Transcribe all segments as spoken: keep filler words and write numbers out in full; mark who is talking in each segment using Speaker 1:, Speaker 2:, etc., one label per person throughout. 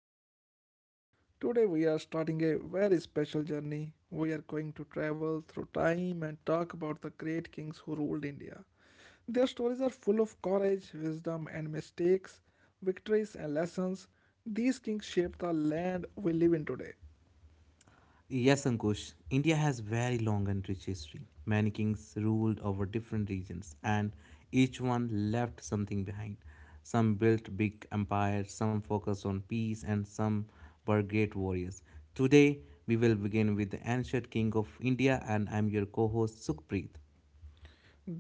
Speaker 1: to our podcast. Today, we are starting a very special journey. We are going to travel through time and talk about the great kings who ruled India. Their stories are full of courage, wisdom, and mistakes, victories, and lessons. These kings shaped the land we live in today.
Speaker 2: Yes, Ankush. India has very long and rich history. Many kings ruled over different regions, and each one left something behind. Some built big empires, some focused on peace, and some were great warriors. Today, we will begin with the ancient king of India, and I'm your co host Sukhpreet.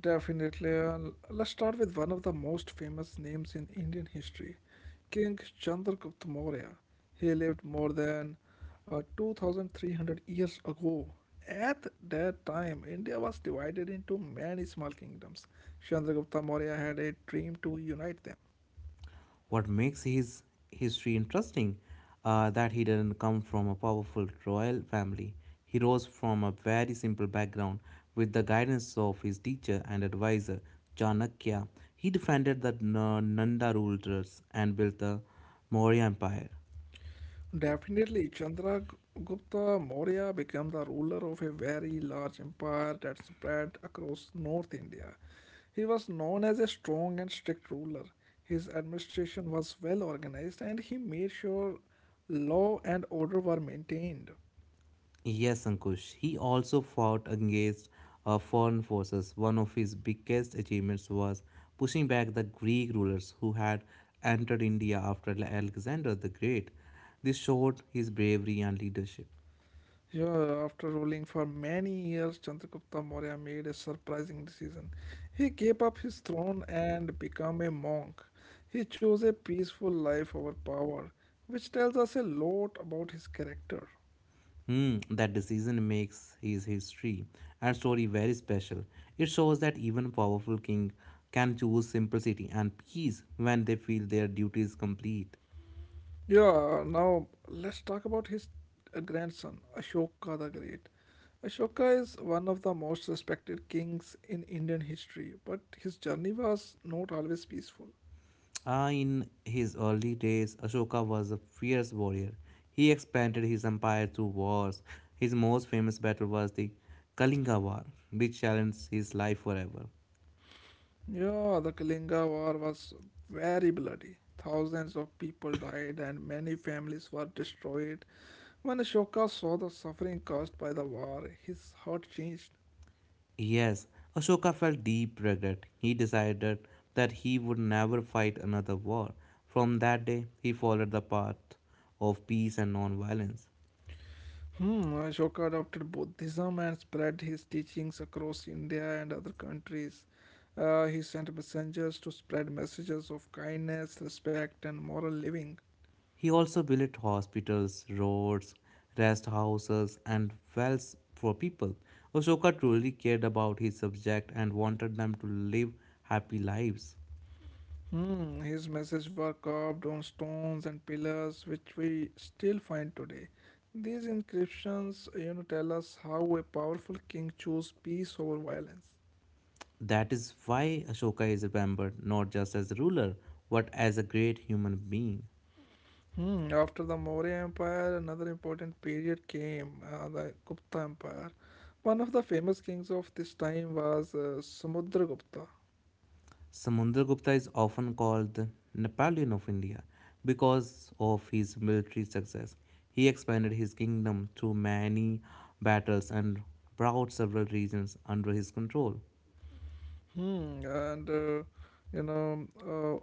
Speaker 1: Definitely. uh, Let's start with one of the most famous names in Indian history, King Chandragupta Maurya. He lived more than uh, two thousand three hundred years ago. At that time, India was divided into many small kingdoms. Chandragupta Maurya had a dream to unite them.
Speaker 2: What makes his history interesting uh, that he didn't come from a powerful royal family. He rose from a very simple background with the guidance of his teacher and advisor Chanakya. He defended the N- Nanda rulers and built the Maurya Empire.
Speaker 1: Definitely, Chandragupta Maurya became the ruler of a very large empire that spread across North India. He was known as a strong and strict ruler. His administration was well organized and he made sure law and order were maintained.
Speaker 2: Yes, Ankush. He also fought against uh, foreign forces. One of his biggest achievements was pushing back the Greek rulers who had entered India after Ale- Alexander the Great. This showed his bravery and leadership.
Speaker 1: Yeah, after ruling for many years, Chandragupta Maurya made a surprising decision. He gave up his throne and became a monk. He chose a peaceful life over power, which tells us a lot about his character.
Speaker 2: Hmm, that decision makes his history and story very special. It shows that even powerful king can choose simplicity and peace when they feel their duty is complete.
Speaker 1: Yeah, now let's talk about his uh, grandson, Ashoka the Great. Ashoka is one of the most respected kings in Indian history, but his journey was not always peaceful.
Speaker 2: Ah, in his early days, Ashoka was a fierce warrior. He expanded his empire through wars. His most famous battle was the Kalinga War, which challenged his life forever.
Speaker 1: Yeah, the Kalinga War was very bloody. Thousands of people died and many families were destroyed. When Ashoka saw the suffering caused by the war, his heart changed.
Speaker 2: Yes, Ashoka felt deep regret. He decided that he would never fight another war. From that day, he followed the path of peace and non-violence.
Speaker 1: Hmm, Ashoka adopted Buddhism and spread his teachings across India and other countries. Uh, he sent messengers to spread messages of kindness, respect, and moral living.
Speaker 2: He also built hospitals, roads, rest houses, and wells for people. Ashoka truly cared about his subject and wanted them to live happy lives.
Speaker 1: Hmm, his messages were carved on stones and pillars, which we still find today. These inscriptions, you know, tell us how a powerful king chose peace over violence.
Speaker 2: That is why Ashoka is remembered not just as a ruler, but as a great human being.
Speaker 1: Hmm, after the Maurya Empire, another important period came, uh, the Gupta Empire. One of the famous kings of this time was uh, Samudragupta.
Speaker 2: Samundragupta is often called the Napoleon of India because of his military success. He expanded his kingdom through many battles and brought several regions under his control.
Speaker 1: Hmm, and uh, you know, uh,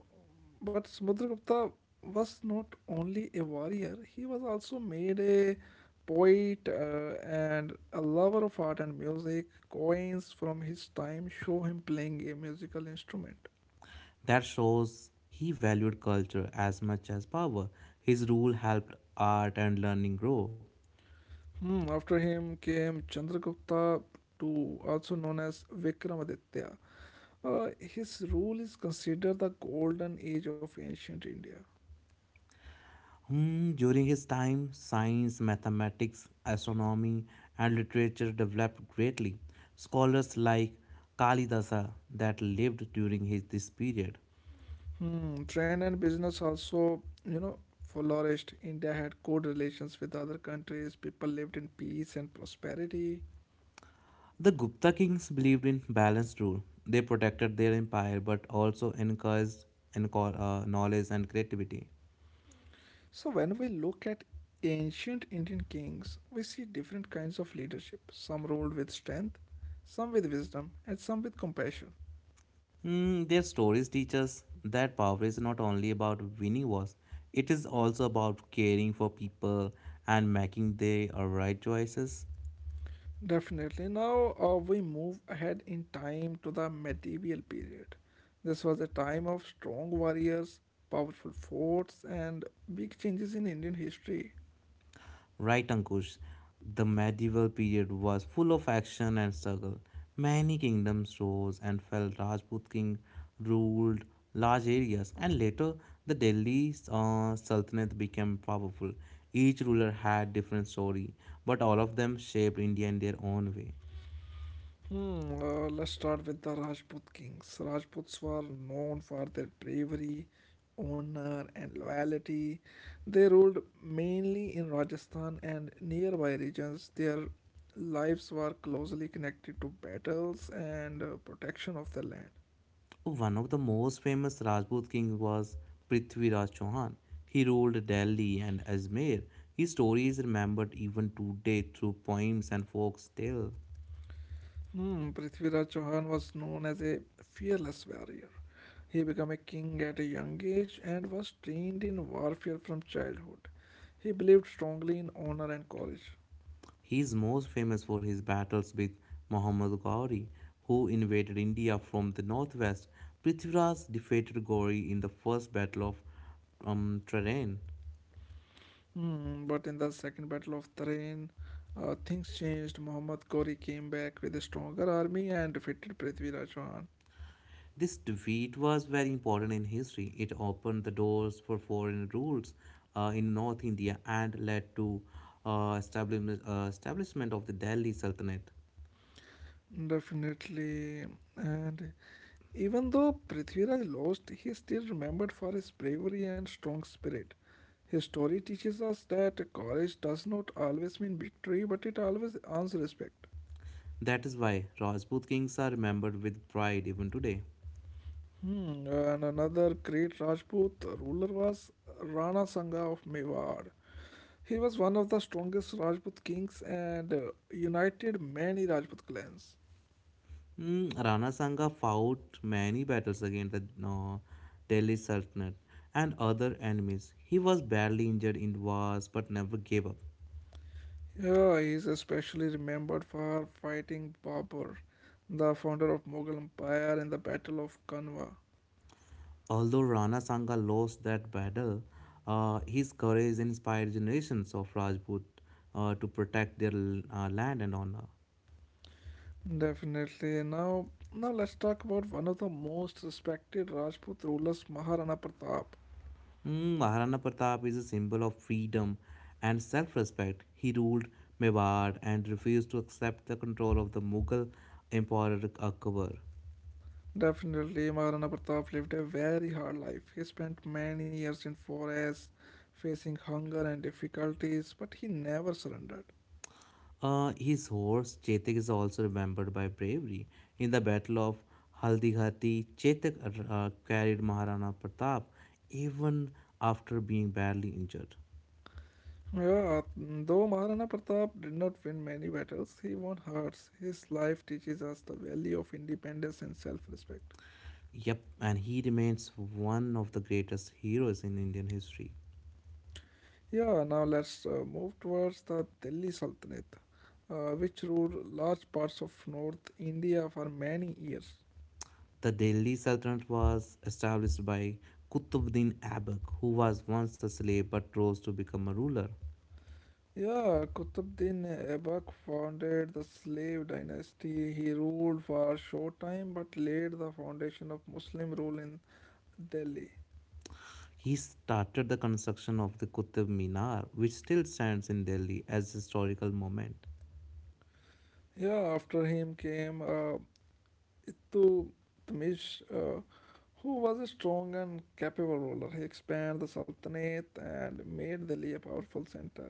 Speaker 1: But Samudragupta was not only a warrior, he was also made a poet uh, and a lover of art and music. Coins from his time show him playing a musical instrument.
Speaker 2: That shows he valued culture as much as power. His rule helped art and learning grow.
Speaker 1: Hmm, after him came Chandragupta the Second, also known as Vikramaditya. Uh, his rule is considered the golden age of ancient India.
Speaker 2: Hmm, during his time, science, mathematics, astronomy, and literature developed greatly. Scholars like Kalidasa that lived during his, this period.
Speaker 1: Hmm, trade and business also, you know, flourished. India had good relations with other countries. People lived in peace and prosperity.
Speaker 2: The Gupta kings believed in balanced rule. They protected their empire but also encouraged enco- uh, knowledge and creativity.
Speaker 1: So when we look at ancient Indian kings, we see different kinds of leadership. Some ruled with strength, some with wisdom, and some with compassion.
Speaker 2: Mm, their stories teach us that power is not only about winning wars, it is also about caring for people and making the uh, right choices.
Speaker 1: Definitely. Now uh, we move ahead in time to the medieval period. This was a time of strong warriors, powerful forts, and big changes in Indian history.
Speaker 2: Right, Ankush, the medieval period was full of action and struggle. Many kingdoms rose and fell. Rajput king ruled large areas, and later the Delhi uh, Sultanate became powerful. Each ruler had different story, but all of them shaped India in their own way.
Speaker 1: Hmm, uh, let's start with the Rajput kings. Rajputs were known for their bravery, honor, and loyalty. They ruled mainly in Rajasthan and nearby regions. Their lives were closely connected to battles and uh, protection of the land.
Speaker 2: One of the most famous Rajput king was Prithviraj Chauhan. He ruled Delhi and Ajmer. His story is remembered even today through poems and folk tales.
Speaker 1: Hmm, Prithviraj Chauhan was known as a fearless warrior. He became a king at a young age and was trained in warfare from childhood. He believed strongly in honor and courage.
Speaker 2: He is most famous for his battles with Muhammad Ghauri, who invaded India from the northwest. Prithviraj defeated Gauri in the first battle of um, Terrain.
Speaker 1: Hmm, but in the Second Battle of Tarain, uh, things changed. Muhammad Ghori came back with a stronger army and defeated Prithviraj Chauhan.
Speaker 2: This defeat was very important in history. It opened the doors for foreign rules uh, in North India and led to uh, establishment, uh, establishment of the Delhi Sultanate.
Speaker 1: Definitely. And even though Prithviraj lost, he still remembered for his bravery and strong spirit. His story teaches us that courage does not always mean victory, but it always earns respect.
Speaker 2: That is why Rajput kings are remembered with pride even today.
Speaker 1: Hmm, and another great Rajput ruler was Rana Sangha of Mewar. He was one of the strongest Rajput kings and uh, united many Rajput clans.
Speaker 2: Mm, Rana Sangha fought many battles against the uh, Delhi Sultanate and other enemies. He was badly injured in wars but never gave up.
Speaker 1: Yeah, he is especially remembered for fighting Babur, the founder of Mughal Empire in the Battle of Kanwa.
Speaker 2: Although Rana Sanga lost that battle, uh, his courage inspired generations of Rajput uh, to protect their uh, land and honor.
Speaker 1: Definitely. Now, now let's talk about one of the most respected Rajput rulers, Maharana Pratap.
Speaker 2: Mm, Maharana Pratap is a symbol of freedom and self respect. He ruled Mewar and refused to accept the control of the Mughal Emperor Akbar.
Speaker 1: Definitely, Maharana Pratap lived a very hard life. He spent many years in forests, facing hunger and difficulties, but he never surrendered.
Speaker 2: Uh, his horse Chetak is also remembered by bravery. In the Battle of Haldighati, Chetak uh, carried Maharana Pratap even after being badly injured.
Speaker 1: Yeah, though Maharana Pratap did not win many battles, he won hearts. His life teaches us the value of independence and self-respect.
Speaker 2: Yep, and he remains one of the greatest heroes in Indian history.
Speaker 1: Yeah, now let's uh, move towards the Delhi Sultanate, uh, which ruled large parts of North India for many years.
Speaker 2: The Delhi Sultanate was established by Qutbuddin Aibak, who was once a slave but rose to become a ruler.
Speaker 1: Yeah, Qutbuddin Aibak founded the slave dynasty. He ruled for a short time but laid the foundation of Muslim rule in Delhi.
Speaker 2: He started the construction of the Qutb Minar, which still stands in Delhi as a historical monument.
Speaker 1: Yeah, after him came uh, Ittu Tmish, uh, who was a strong and capable ruler. He expanded the Sultanate and made Delhi a powerful center.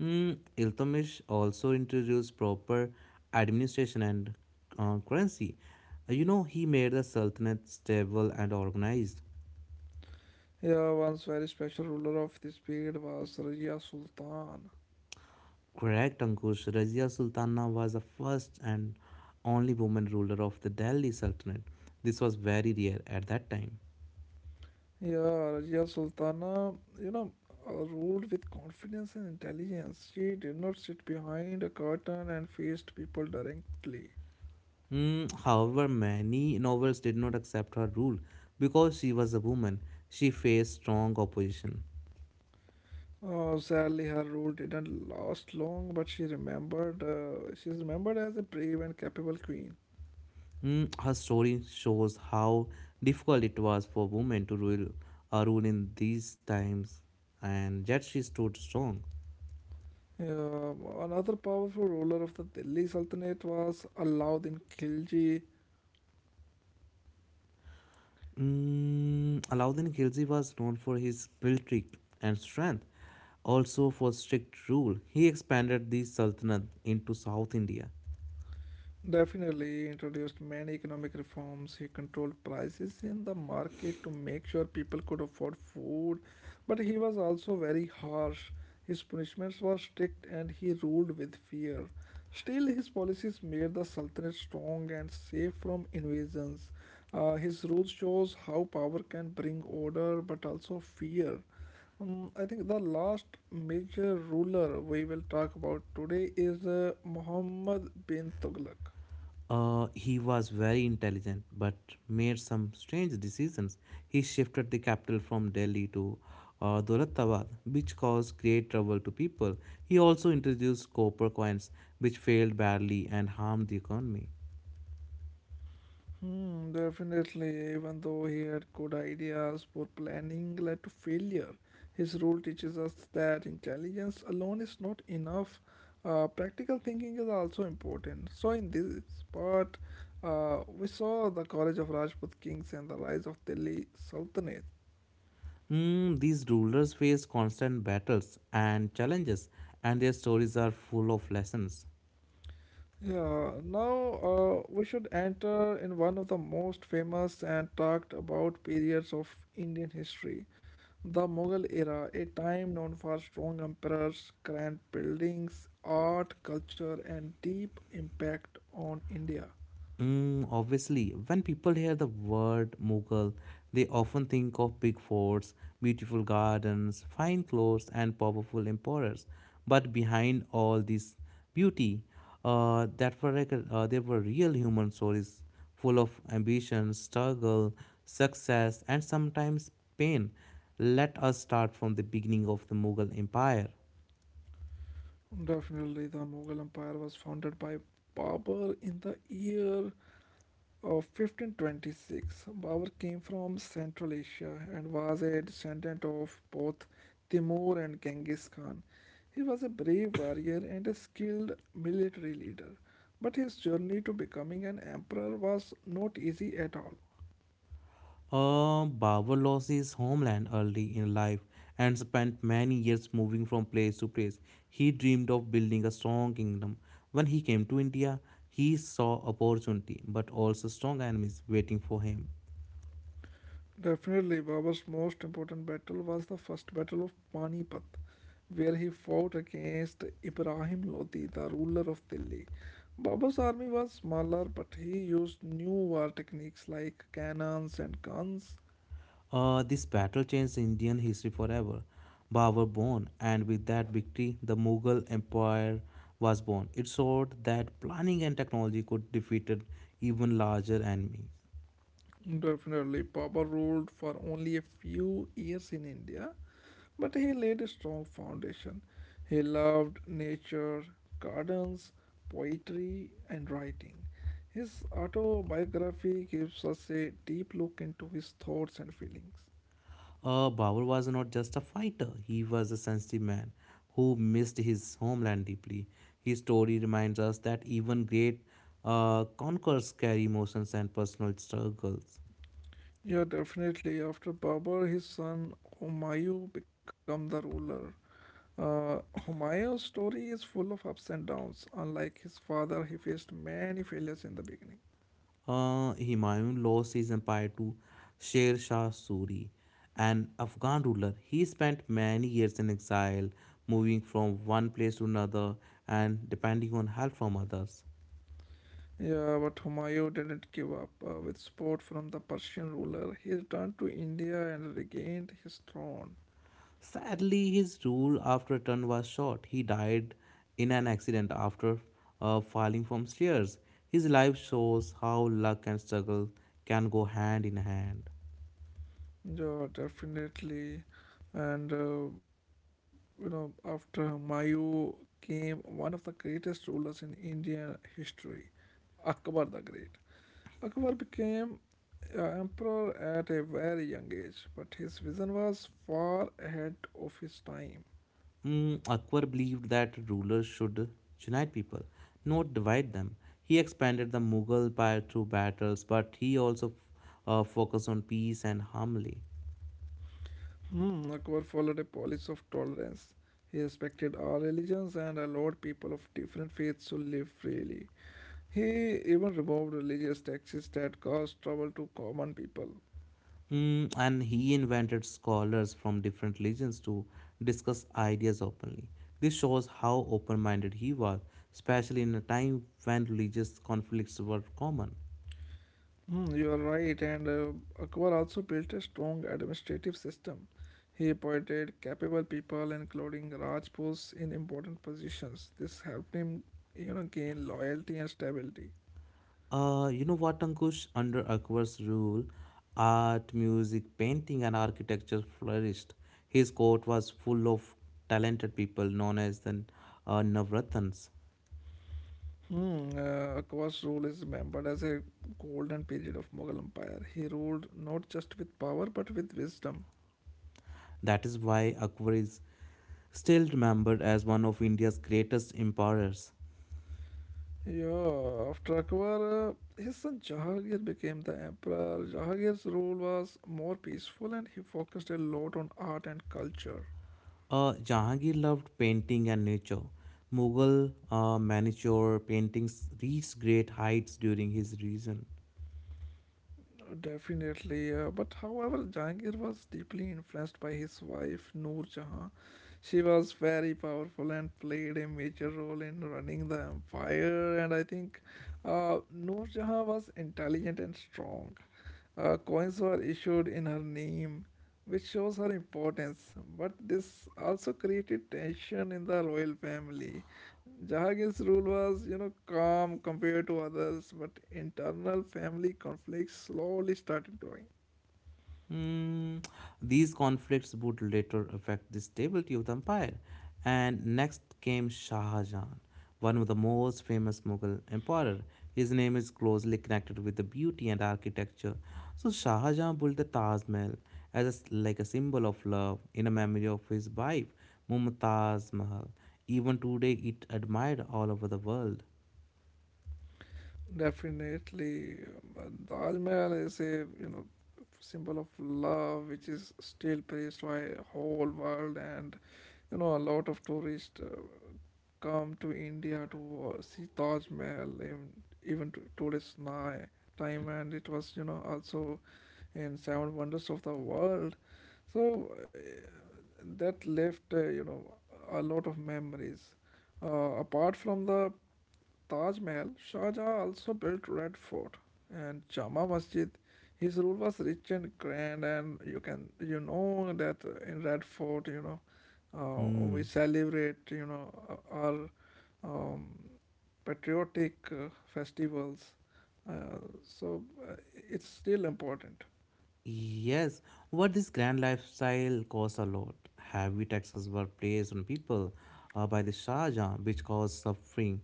Speaker 2: Mm, Iltutmish also introduced proper administration and uh, currency. Uh, You know, he made the Sultanate stable and organized.
Speaker 1: Yeah, once very special ruler of this period was Rajia Sultan.
Speaker 2: Correct, Ankush. Razia Sultana was the first and only woman ruler of the Delhi Sultanate. This was very rare at that time.
Speaker 1: Yeah, Rajia Sultana, you know, uh, ruled with confidence and intelligence. She did not sit behind a curtain and faced people directly.
Speaker 2: Mm, however, many nobles did not accept her rule because she was a woman. She faced strong opposition.
Speaker 1: Oh, sadly, her rule didn't last long, but she remembered. Uh, she's remembered as a brave and capable queen.
Speaker 2: Mm, her story shows how difficult it was for women to rule, uh, rule in these times, and yet she stood strong.
Speaker 1: Yeah, another powerful ruler of the Delhi Sultanate was Alauddin Khilji.
Speaker 2: Mm, Alauddin Khilji was known for his military and strength, also for strict rule. He expanded the Sultanate into South India.
Speaker 1: Definitely introduced many economic reforms. He controlled prices in the market to make sure people could afford food. But he was also very harsh. His punishments were strict and he ruled with fear. Still, his policies made the Sultanate strong and safe from invasions. Uh, his rule shows how power can bring order but also fear. Um, I think the last major ruler we will talk about today is uh, Muhammad bin Tughlaq.
Speaker 2: Uh, he was very intelligent but made some strange decisions. He shifted the capital from Delhi to uh, Dolatabad, which caused great trouble to people. He also introduced copper coins, which failed badly and harmed the economy.
Speaker 1: Hmm, definitely, even though he had good ideas, poor planning led to failure. His rule teaches us that intelligence alone is not enough. Uh, practical thinking is also important. So, in this part, uh, we saw the courage of Rajput kings and the rise of Delhi Sultanate.
Speaker 2: Mm, these rulers faced constant battles and challenges, and their stories are full of lessons.
Speaker 1: Yeah, now uh, we should enter in one of the most famous and talked about periods of Indian history, the Mughal era, a time known for strong emperors, grand buildings, art, culture, and deep impact on India.
Speaker 2: Mm, obviously, when people hear the word Mughal, they often think of big forts, beautiful gardens, fine clothes, and powerful emperors. But behind all this beauty, uh, that were like, uh, there were real human stories full of ambition, struggle, success, and sometimes pain. Let us start from the beginning of the Mughal Empire.
Speaker 1: Definitely, the Mughal Empire was founded by Babur in the year Of fifteen twenty-six, Babur came from Central Asia and was a descendant of both Timur and Genghis Khan. He was a brave warrior and a skilled military leader, but his journey to becoming an emperor was not easy at all.
Speaker 2: Uh, Babur lost his homeland early in life and spent many years moving from place to place. He dreamed of building a strong kingdom. When he came to India, he saw opportunity but also strong enemies waiting for him.
Speaker 1: Definitely, Babur's most important battle was the first battle of Panipat, where he fought against Ibrahim Lodi, the ruler of Delhi. Babur's army was smaller, but he used new war techniques like cannons and guns.
Speaker 2: Uh, this battle changed Indian history forever. Babur born, and with that victory, the Mughal Empire was born. It showed that planning and technology could defeat an even larger enemies.
Speaker 1: Definitely, Babur ruled for only a few years in India, but he laid a strong foundation. He loved nature, gardens, poetry, and writing. His autobiography gives us a deep look into his thoughts and feelings.
Speaker 2: Uh, Babur was not just a fighter, he was a sensitive man who missed his homeland deeply. His story reminds us that even great uh, conquerors carry emotions and personal struggles.
Speaker 1: Yeah, definitely. After Babur, his son Humayun became the ruler. Uh, Humayun's story is full of ups and downs. Unlike his father, he faced many failures in the beginning.
Speaker 2: Uh, Humayun lost his empire to Sher Shah Suri, an Afghan ruler. He spent many years in exile, moving from one place to another and depending on help from others.
Speaker 1: Yeah, but Humayun didn't give up. Uh, with support from the Persian ruler, he returned to India and regained his throne.
Speaker 2: Sadly, his rule after a turn was short. He died in an accident after uh, falling from stairs. His life shows how luck and struggle can go hand in hand.
Speaker 1: Yeah, definitely. And, uh, you know, After Humayun came one of the greatest rulers in Indian history, Akbar the Great. Akbar became uh, emperor at a very young age, but his vision was far ahead of his time.
Speaker 2: Mm, Akbar believed that rulers should unite people, not divide them. He expanded the Mughal empire through battles, but he also uh, focused on peace and harmony.
Speaker 1: Hmm, Akbar followed a policy of tolerance. He respected all religions and allowed people of different faiths to live freely. He even removed religious taxes that caused trouble to common people.
Speaker 2: Mm, and he invented scholars from different religions to discuss ideas openly. This shows how open minded he was, especially in a time when religious conflicts were common.
Speaker 1: Hmm, you are right, and uh, Akbar also built a strong administrative system. He appointed capable people, including Rajputs, in important positions. This helped him, you know, gain loyalty and stability.
Speaker 2: Uh, you know what, Ankush? Under Akbar's rule, art, music, painting, and architecture flourished. His court was full of talented people known as the uh, Navratans.
Speaker 1: Hmm, uh, Akbar's rule is remembered as a golden period of Mughal Empire. He ruled not just with power but with wisdom.
Speaker 2: That is why Akbar is still remembered as one of India's greatest emperors.
Speaker 1: Yeah, after Akbar, uh, his son Jahangir became the emperor. Jahangir's rule was more peaceful and he focused a lot on art and culture.
Speaker 2: Uh, Jahangir loved painting and nature. Mughal uh, miniature paintings reached great heights during his reign.
Speaker 1: Definitely, uh, but however, Jahangir was deeply influenced by his wife Noor Jahan. She was very powerful and played a major role in running the empire. And I think uh, Noor Jahan was intelligent and strong. Uh, coins were issued in her name, which shows her importance, but this also created tension in the royal family. Jahangir's rule was, you know, calm compared to others, but internal family conflicts slowly started growing.
Speaker 2: Mm, these conflicts would later affect the stability of the empire. And next came Shah Jahan, one of the most famous Mughal emperor. His name is closely connected with the beauty and architecture. So Shah Jahan built the Taj Mahal as a s like a symbol of love in a memory of his wife Mumtaz Mahal. Even today, it admired all over the world.
Speaker 1: Definitely, um, Taj Mahal is a you know symbol of love, which is still praised by whole world, and you know a lot of tourists uh, come to India to see Taj Mahal, even, even to today's ni- time, and it was, you know, also in Seven Wonders of the World. So uh, that left, uh, you know, a lot of memories. Uh, apart from the Taj Mahal, Shah Jahan also built Red Fort and Jama Masjid. His rule was rich and grand, and you can you know that in Red Fort, you know, uh, we
Speaker 2: Hmm.
Speaker 1: celebrate you know uh, our um, patriotic uh, festivals. Uh, so uh, it's still important.
Speaker 2: Yes, what this grand lifestyle costs a lot. Heavy taxes were placed on people uh, by the Shah Jahan, which caused suffering.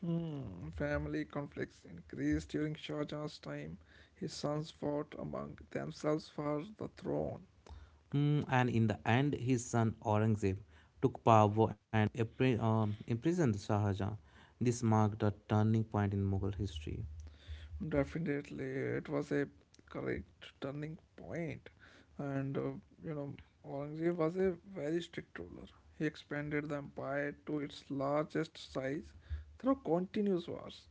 Speaker 1: Hmm. Family conflicts increased during Shah Jahan's time. His sons fought among themselves for the throne.
Speaker 2: Mm, and in the end, his son Aurangzeb took power and impri- um, imprisoned Shah Jahan. This marked a turning point in Mughal history.
Speaker 1: Definitely, it was a correct turning point, and uh, you know, Aurangzeb was a very strict ruler. He expanded the empire to its largest size through continuous wars.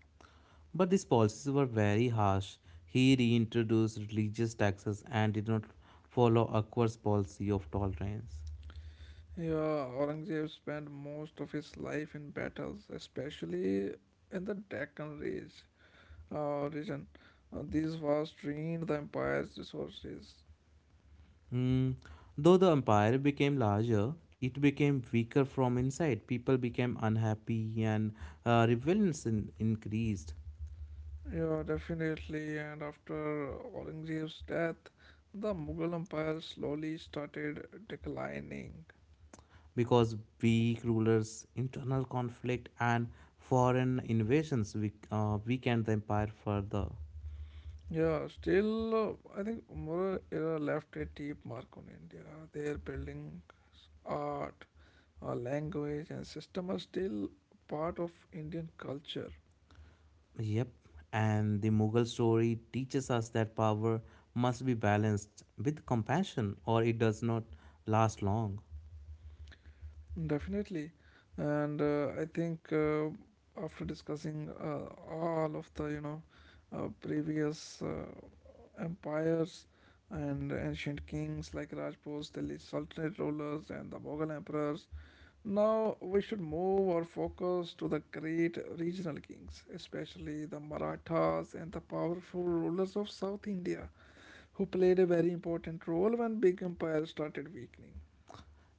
Speaker 2: But these policies were very harsh. He reintroduced religious taxes and did not follow Akbar's policy of tolerance.
Speaker 1: Yeah, Aurangzeb spent most of his life in battles, especially in the Deccan Ridge uh, region. Uh, these wars drained the empire's resources.
Speaker 2: Hmm. Though the empire became larger, it became weaker from inside. People became unhappy and uh, rebellions in- increased
Speaker 1: Yeah, definitely. And after Aurangzeb's death, the Mughal Empire slowly started declining.
Speaker 2: because weak rulers, internal conflict, and foreign invasions weak- uh, weakened the empire further.
Speaker 1: Yeah, still, uh, I think Mughal era left a deep mark on India. Their buildings, art, uh, language, and system are still part of Indian culture.
Speaker 2: Yep, and the Mughal story teaches us that power must be balanced with compassion or it does not last long.
Speaker 1: Definitely. And uh, I think uh, after discussing uh, all of the, you know, uh, previous uh, empires and ancient kings like Rajputs, Delhi Sultanate rulers, and the Mughal emperors, now we should move our focus to the great regional kings, especially the Marathas and the powerful rulers of South India, who played a very important role when big empires started weakening.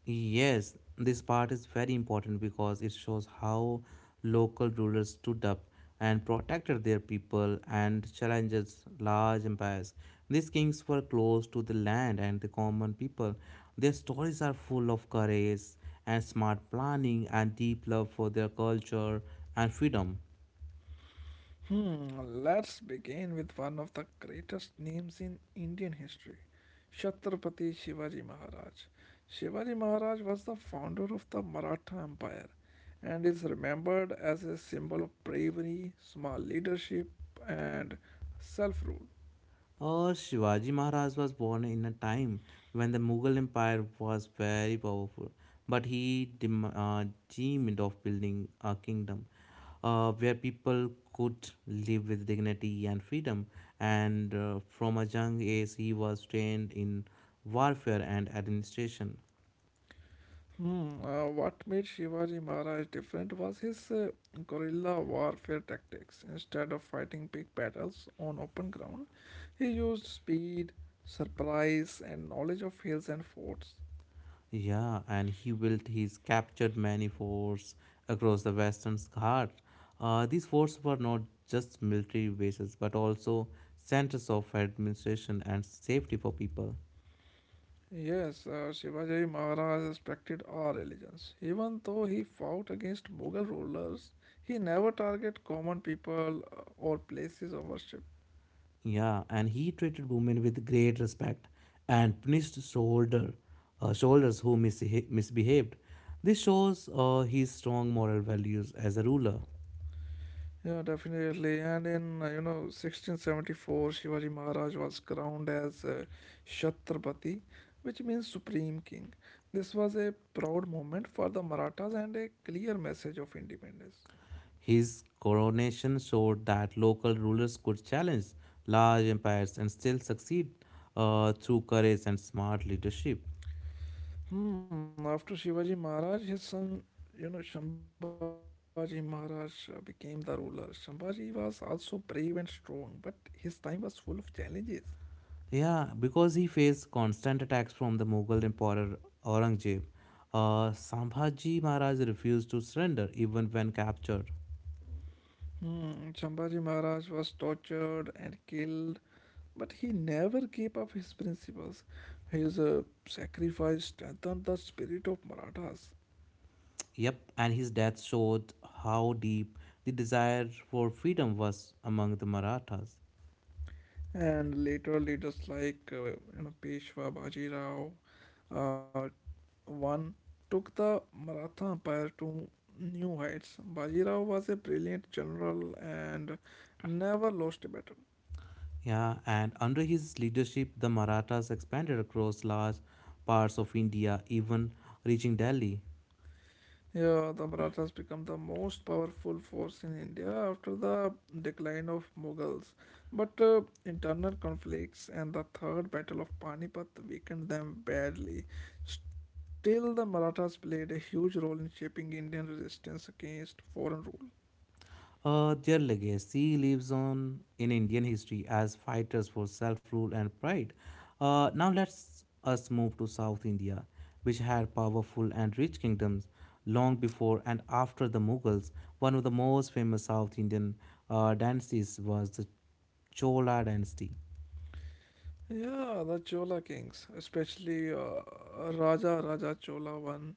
Speaker 2: Yes, this part is very important because it shows how local rulers stood up and protected their people and challenges large empires. These kings were close to the land and the common people. Their stories are full of courage and smart planning and deep love for their culture and freedom.
Speaker 1: Hmm, let's begin with one of the greatest names in Indian history, Chhatrapati Shivaji Maharaj. Shivaji Maharaj was the founder of the Maratha Empire and is remembered as a symbol of bravery, small leadership, and self rule.
Speaker 2: Uh, Shivaji Maharaj was born in a time when the Mughal Empire was very powerful, but he dem- uh, dreamed of building a kingdom uh, where people could live with dignity and freedom. And uh, from a young age, he was trained in warfare and administration.
Speaker 1: Hmm, uh, what made Shivaji Maharaj different was his uh, guerrilla warfare tactics. Instead of fighting big battles on open ground, he used speed, surprise, and knowledge of hills and forts.
Speaker 2: Yeah, and he built his captured many forts across the Western Ghats. Uh, these forts were not just military bases but also centers of administration and safety for people.
Speaker 1: Yes, uh, Shivaji Maharaj respected all religions. Even though he fought against Mughal rulers, he never targeted common people uh, or places of worship.
Speaker 2: Yeah, and he treated women with great respect and punished soldier, uh, soldiers who mishe- misbehaved. This shows uh, his strong moral values as a ruler.
Speaker 1: Yeah, definitely. And in, uh, you know, sixteen seventy-four, Shivaji Maharaj was crowned as uh, Chhatrapati, which means Supreme King. This was a proud moment for the Marathas and a clear message of independence.
Speaker 2: His coronation showed that local rulers could challenge large empires and still succeed uh, through courage and smart leadership.
Speaker 1: Hmm, after Shivaji Maharaj, his son, you know, Shambhaji Maharaj uh, became the ruler. Shambhaji was also brave and strong, but his time was full of challenges.
Speaker 2: Yeah, because he faced constant attacks from the Mughal Emperor Aurangzeb. Uh, Sambhaji Maharaj refused to surrender even when captured.
Speaker 1: Hmm, Shambhaji Maharaj was tortured and killed, but he never gave up his principles. His uh, sacrifice strengthened the spirit of Marathas.
Speaker 2: Yep, and his death showed how deep the desire for freedom was among the Marathas.
Speaker 1: And later leaders like uh, you know, Peshwa Bajirao uh, one took the Maratha empire to new heights. Bajirao was a brilliant general and never lost a battle.
Speaker 2: Yeah, and under his leadership, the Marathas expanded across large parts of India, even reaching Delhi.
Speaker 1: Yeah, the Marathas became the most powerful force in India after the decline of Mughals. But uh, internal conflicts and the Third Battle of Panipat weakened them badly. Still, the Marathas played a huge role in shaping Indian resistance against foreign rule.
Speaker 2: Uh, their legacy lives on in Indian history as fighters for self rule and pride. Uh, now let's us move to South India, which had powerful and rich kingdoms long before and after the Mughals. One of the most famous South Indian uh, dynasties was the Chola dynasty.
Speaker 1: Yeah, the Chola kings, especially uh, Raja Raja Chola one,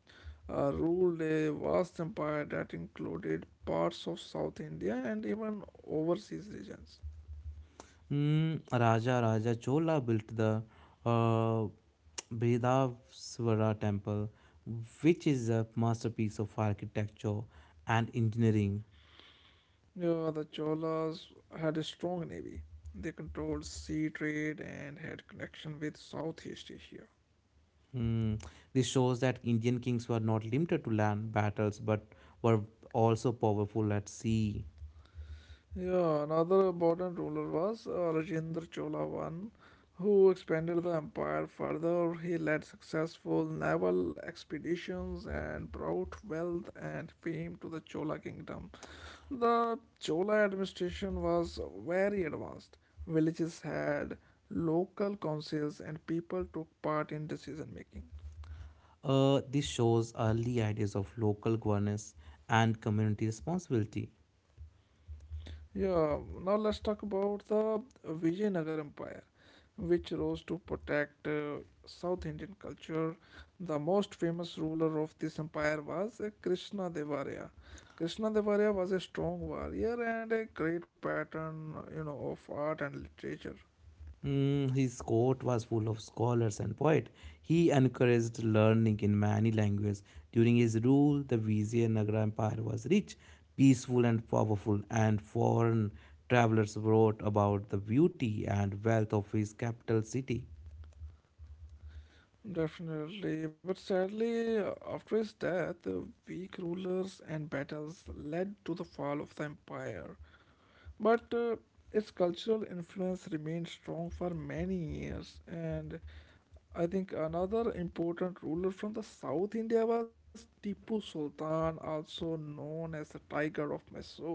Speaker 1: uh, ruled a vast empire that included parts of South India and even overseas regions.
Speaker 2: Mm, Raja Raja Chola built the uh, Bredavaswara temple, which is a masterpiece of architecture and engineering.
Speaker 1: Yeah, the Cholas had a strong navy. They controlled sea trade and had connection with Southeast Asia.
Speaker 2: Mm, this shows that Indian kings were not limited to land battles but were also powerful at sea.
Speaker 1: Yeah, another important ruler was uh, Rajendra Chola I, who expanded the empire further. He led successful naval expeditions and brought wealth and fame to the Chola kingdom. The Chola administration was very advanced. Villages had local councils and people took part in decision making.
Speaker 2: Uh, this shows early ideas of local governance and community responsibility.
Speaker 1: Yeah, now let's talk about the Vijayanagar Empire, which rose to protect uh, South Indian culture. The most famous ruler of this empire was uh, Krishna Devaraya. Krishna Devaraya was a strong warrior and a great pattern, you know, of art and literature.
Speaker 2: Mm, his court was full of scholars and poets. He encouraged learning in many languages. During his rule, the Vizianagara Empire was rich, peaceful, and powerful, and foreign travelers wrote about the beauty and wealth of his capital city.
Speaker 1: Definitely, but sadly, uh, after his death, uh, weak rulers and battles led to the fall of the empire. But uh, its cultural influence remained strong for many years, and I think another important ruler from the South India was Tipu Sultan, also known as the Tiger of Mysore.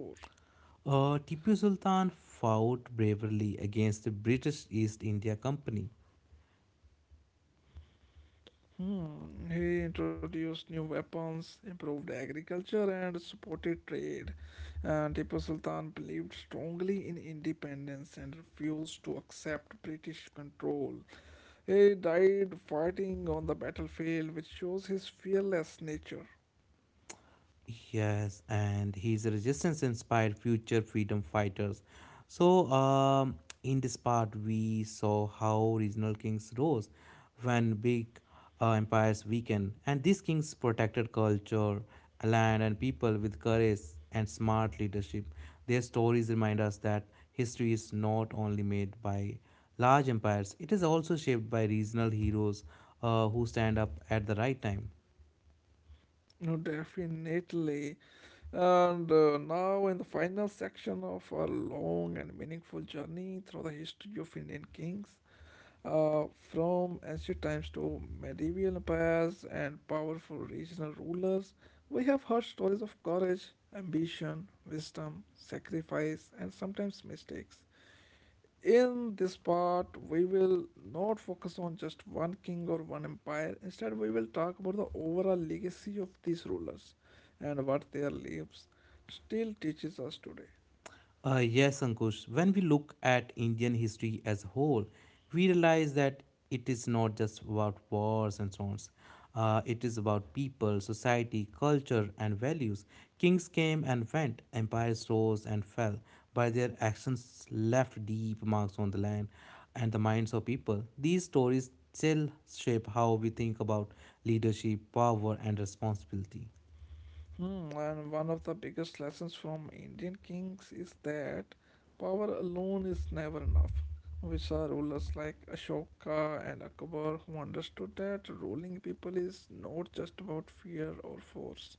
Speaker 2: Uh, Tipu Sultan fought bravely against the British East India Company.
Speaker 1: Hmm, he introduced new weapons, improved agriculture, and supported trade. Uh, Tipu Sultan believed strongly in independence and refused to accept British control. He died fighting on the battlefield, which shows his fearless nature.
Speaker 2: Yes, and his resistance inspired future freedom fighters. So, um, in this part, we saw how regional kings rose when big uh, empires weakened, and these kings protected culture, land, and people with courage and smart leadership. Their stories remind us that history is not only made by large empires, it is also shaped by regional heroes uh, who stand up at the right time.
Speaker 1: No, definitely. And uh, now, in the final section of our long and meaningful journey through the history of Indian kings, Uh, from ancient times to medieval empires and powerful regional rulers, we have heard stories of courage, ambition, wisdom, sacrifice, and sometimes mistakes. In this part, we will not focus on just one king or one empire. Instead, we will talk about the overall legacy of these rulers and what their lives still teaches us today.
Speaker 2: Uh, yes, Ankush. When we look at Indian history as a whole, we realize that it is not just about wars and so on. Uh, it is about people, society, culture, and values. Kings came and went, empires rose and fell, but their actions left deep marks on the land and the minds of people. These stories still shape how we think about leadership, power, and responsibility.
Speaker 1: Hmm, and one of the biggest lessons from Indian kings is that power alone is never enough. We saw rulers like Ashoka and Akbar who understood that ruling people is not just about fear or force.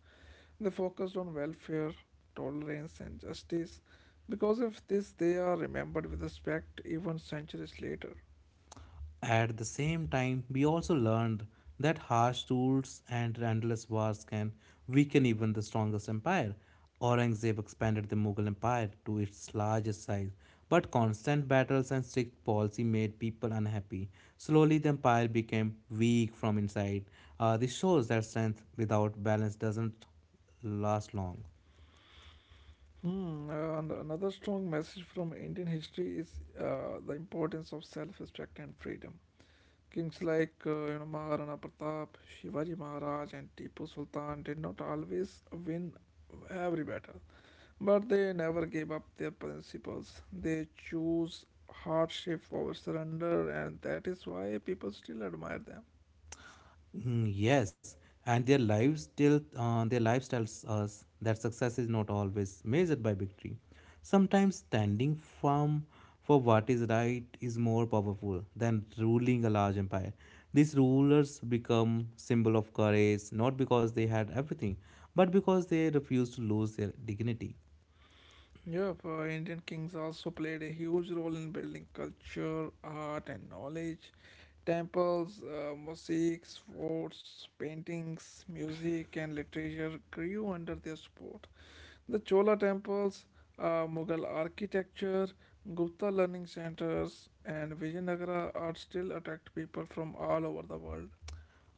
Speaker 1: They focused on welfare, tolerance, and justice. Because of this, they are remembered with respect even centuries later.
Speaker 2: At the same time, we also learned that harsh rules and endless wars can weaken even the strongest empire. Aurangzeb expanded the Mughal Empire to its largest size, but constant battles and strict policy made people unhappy. Slowly, the empire became weak from inside. Uh, this shows that strength without balance doesn't last long.
Speaker 1: Hmm, uh, and another strong message from Indian history is uh, the importance of self respect and freedom. Kings like uh, you know Maharana Pratap, Shivaji Maharaj, and Tipu Sultan did not always win every battle, but they never gave up their principles. They chose hardship over surrender, and that is why people still admire them.
Speaker 2: Mm, yes, and their lives still uh, their lives tells us that success is not always measured by victory. Sometimes standing firm for what is right is more powerful than ruling a large empire. These rulers become symbol of courage not because they had everything, but because they refused to lose their dignity.
Speaker 1: Yep, uh, Indian kings also played a huge role in building culture, art, and knowledge. Temples, uh, mosaics, forts, paintings, music, and literature grew under their support. The Chola temples, uh, Mughal architecture, Gupta learning centers, and Vijayanagara are still attract people from all over the world.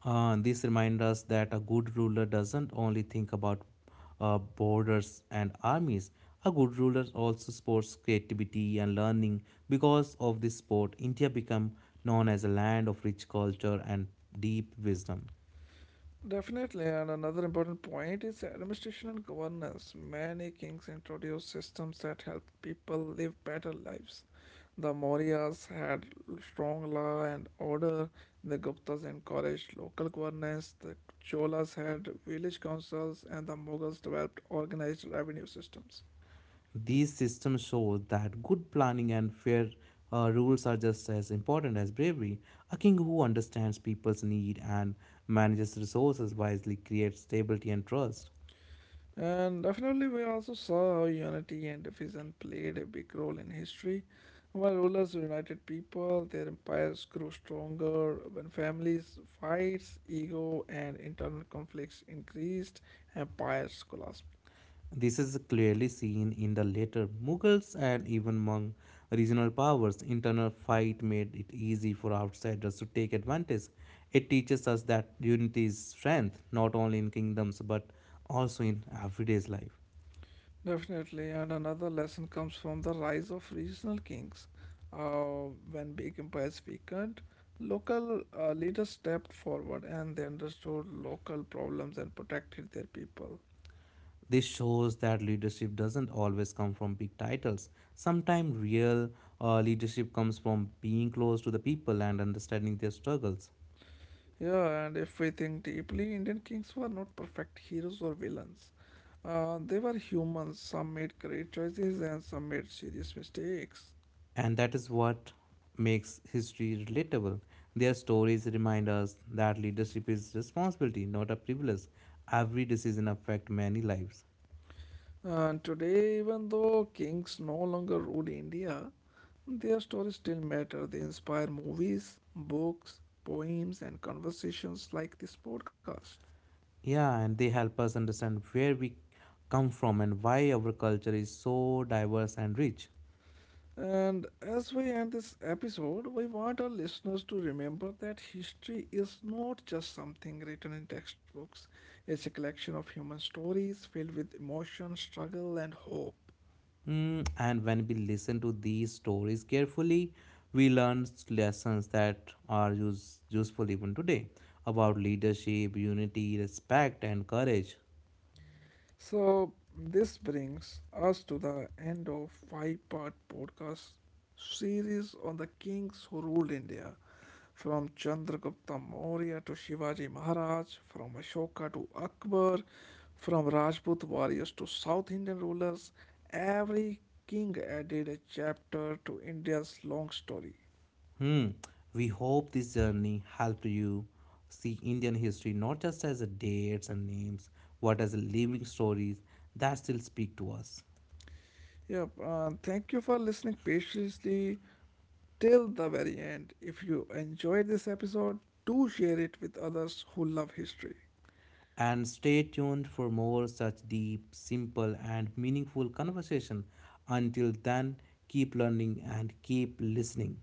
Speaker 2: Uh, this reminds us that a good ruler doesn't only think about uh, borders and armies. A good ruler also supports creativity and learning. Because of this sport, India became known as a land of rich culture and deep wisdom.
Speaker 1: Definitely, and another important point is administration and governance. Many kings introduced systems that helped people live better lives. The Mauryas had strong law and order, the Guptas encouraged local governance, the Cholas had village councils, and the Mughals developed organized revenue systems.
Speaker 2: These systems show that good planning and fair uh, rules are just as important as bravery. A king who understands people's need and manages resources wisely creates stability and trust.
Speaker 1: And definitely, we also saw how unity and division played a big role in history. When rulers united people, their empires grew stronger. When families, fights, ego, and internal conflicts increased, empires collapsed.
Speaker 2: This is clearly seen in the later Mughals and even among regional powers. Internal fight made it easy for outsiders to take advantage. It teaches us that unity is strength, not only in kingdoms but also in everyday life.
Speaker 1: Definitely, and another lesson comes from the rise of regional kings. Uh, when big empires weakened, local uh, leaders stepped forward and they understood local problems and protected their people.
Speaker 2: This shows that leadership doesn't always come from big titles. Sometimes real uh, leadership comes from being close to the people and understanding their struggles.
Speaker 1: Yeah, and if we think deeply, Indian kings were not perfect heroes or villains. Uh, they were humans. Some made great choices and some made serious mistakes.
Speaker 2: And that is what makes history relatable. Their stories remind us that leadership is responsibility, not a privilege. Every decision affects many lives.
Speaker 1: And today, even though kings no longer rule India, their stories still matter. They inspire movies, books, poems, and conversations like this podcast.
Speaker 2: Yeah, and they help us understand where we come from and why our culture is so diverse and rich.
Speaker 1: And as we end this episode, we want our listeners to remember that history is not just something written in textbooks, it's a collection of human stories filled with emotion, struggle, and hope.
Speaker 2: Mm, and when we listen to these stories carefully, we learn lessons that are use, useful even today about leadership, unity, respect, and courage.
Speaker 1: So, this brings us to the end of five part podcast series on the kings who ruled India from Chandragupta Maurya to Shivaji Maharaj, from Ashoka to Akbar, from Rajput warriors to South Indian rulers. Every king added a chapter to India's long story.
Speaker 2: Hmm. We hope this journey helped you see Indian history not just as a dates and names, but as a living stories that still speak to us.
Speaker 1: Yep, uh, thank you for listening patiently till the very end. If you enjoyed this episode, do share it with others who love history.
Speaker 2: And stay tuned for more such deep, simple, and meaningful conversation. Until then, keep learning and keep listening.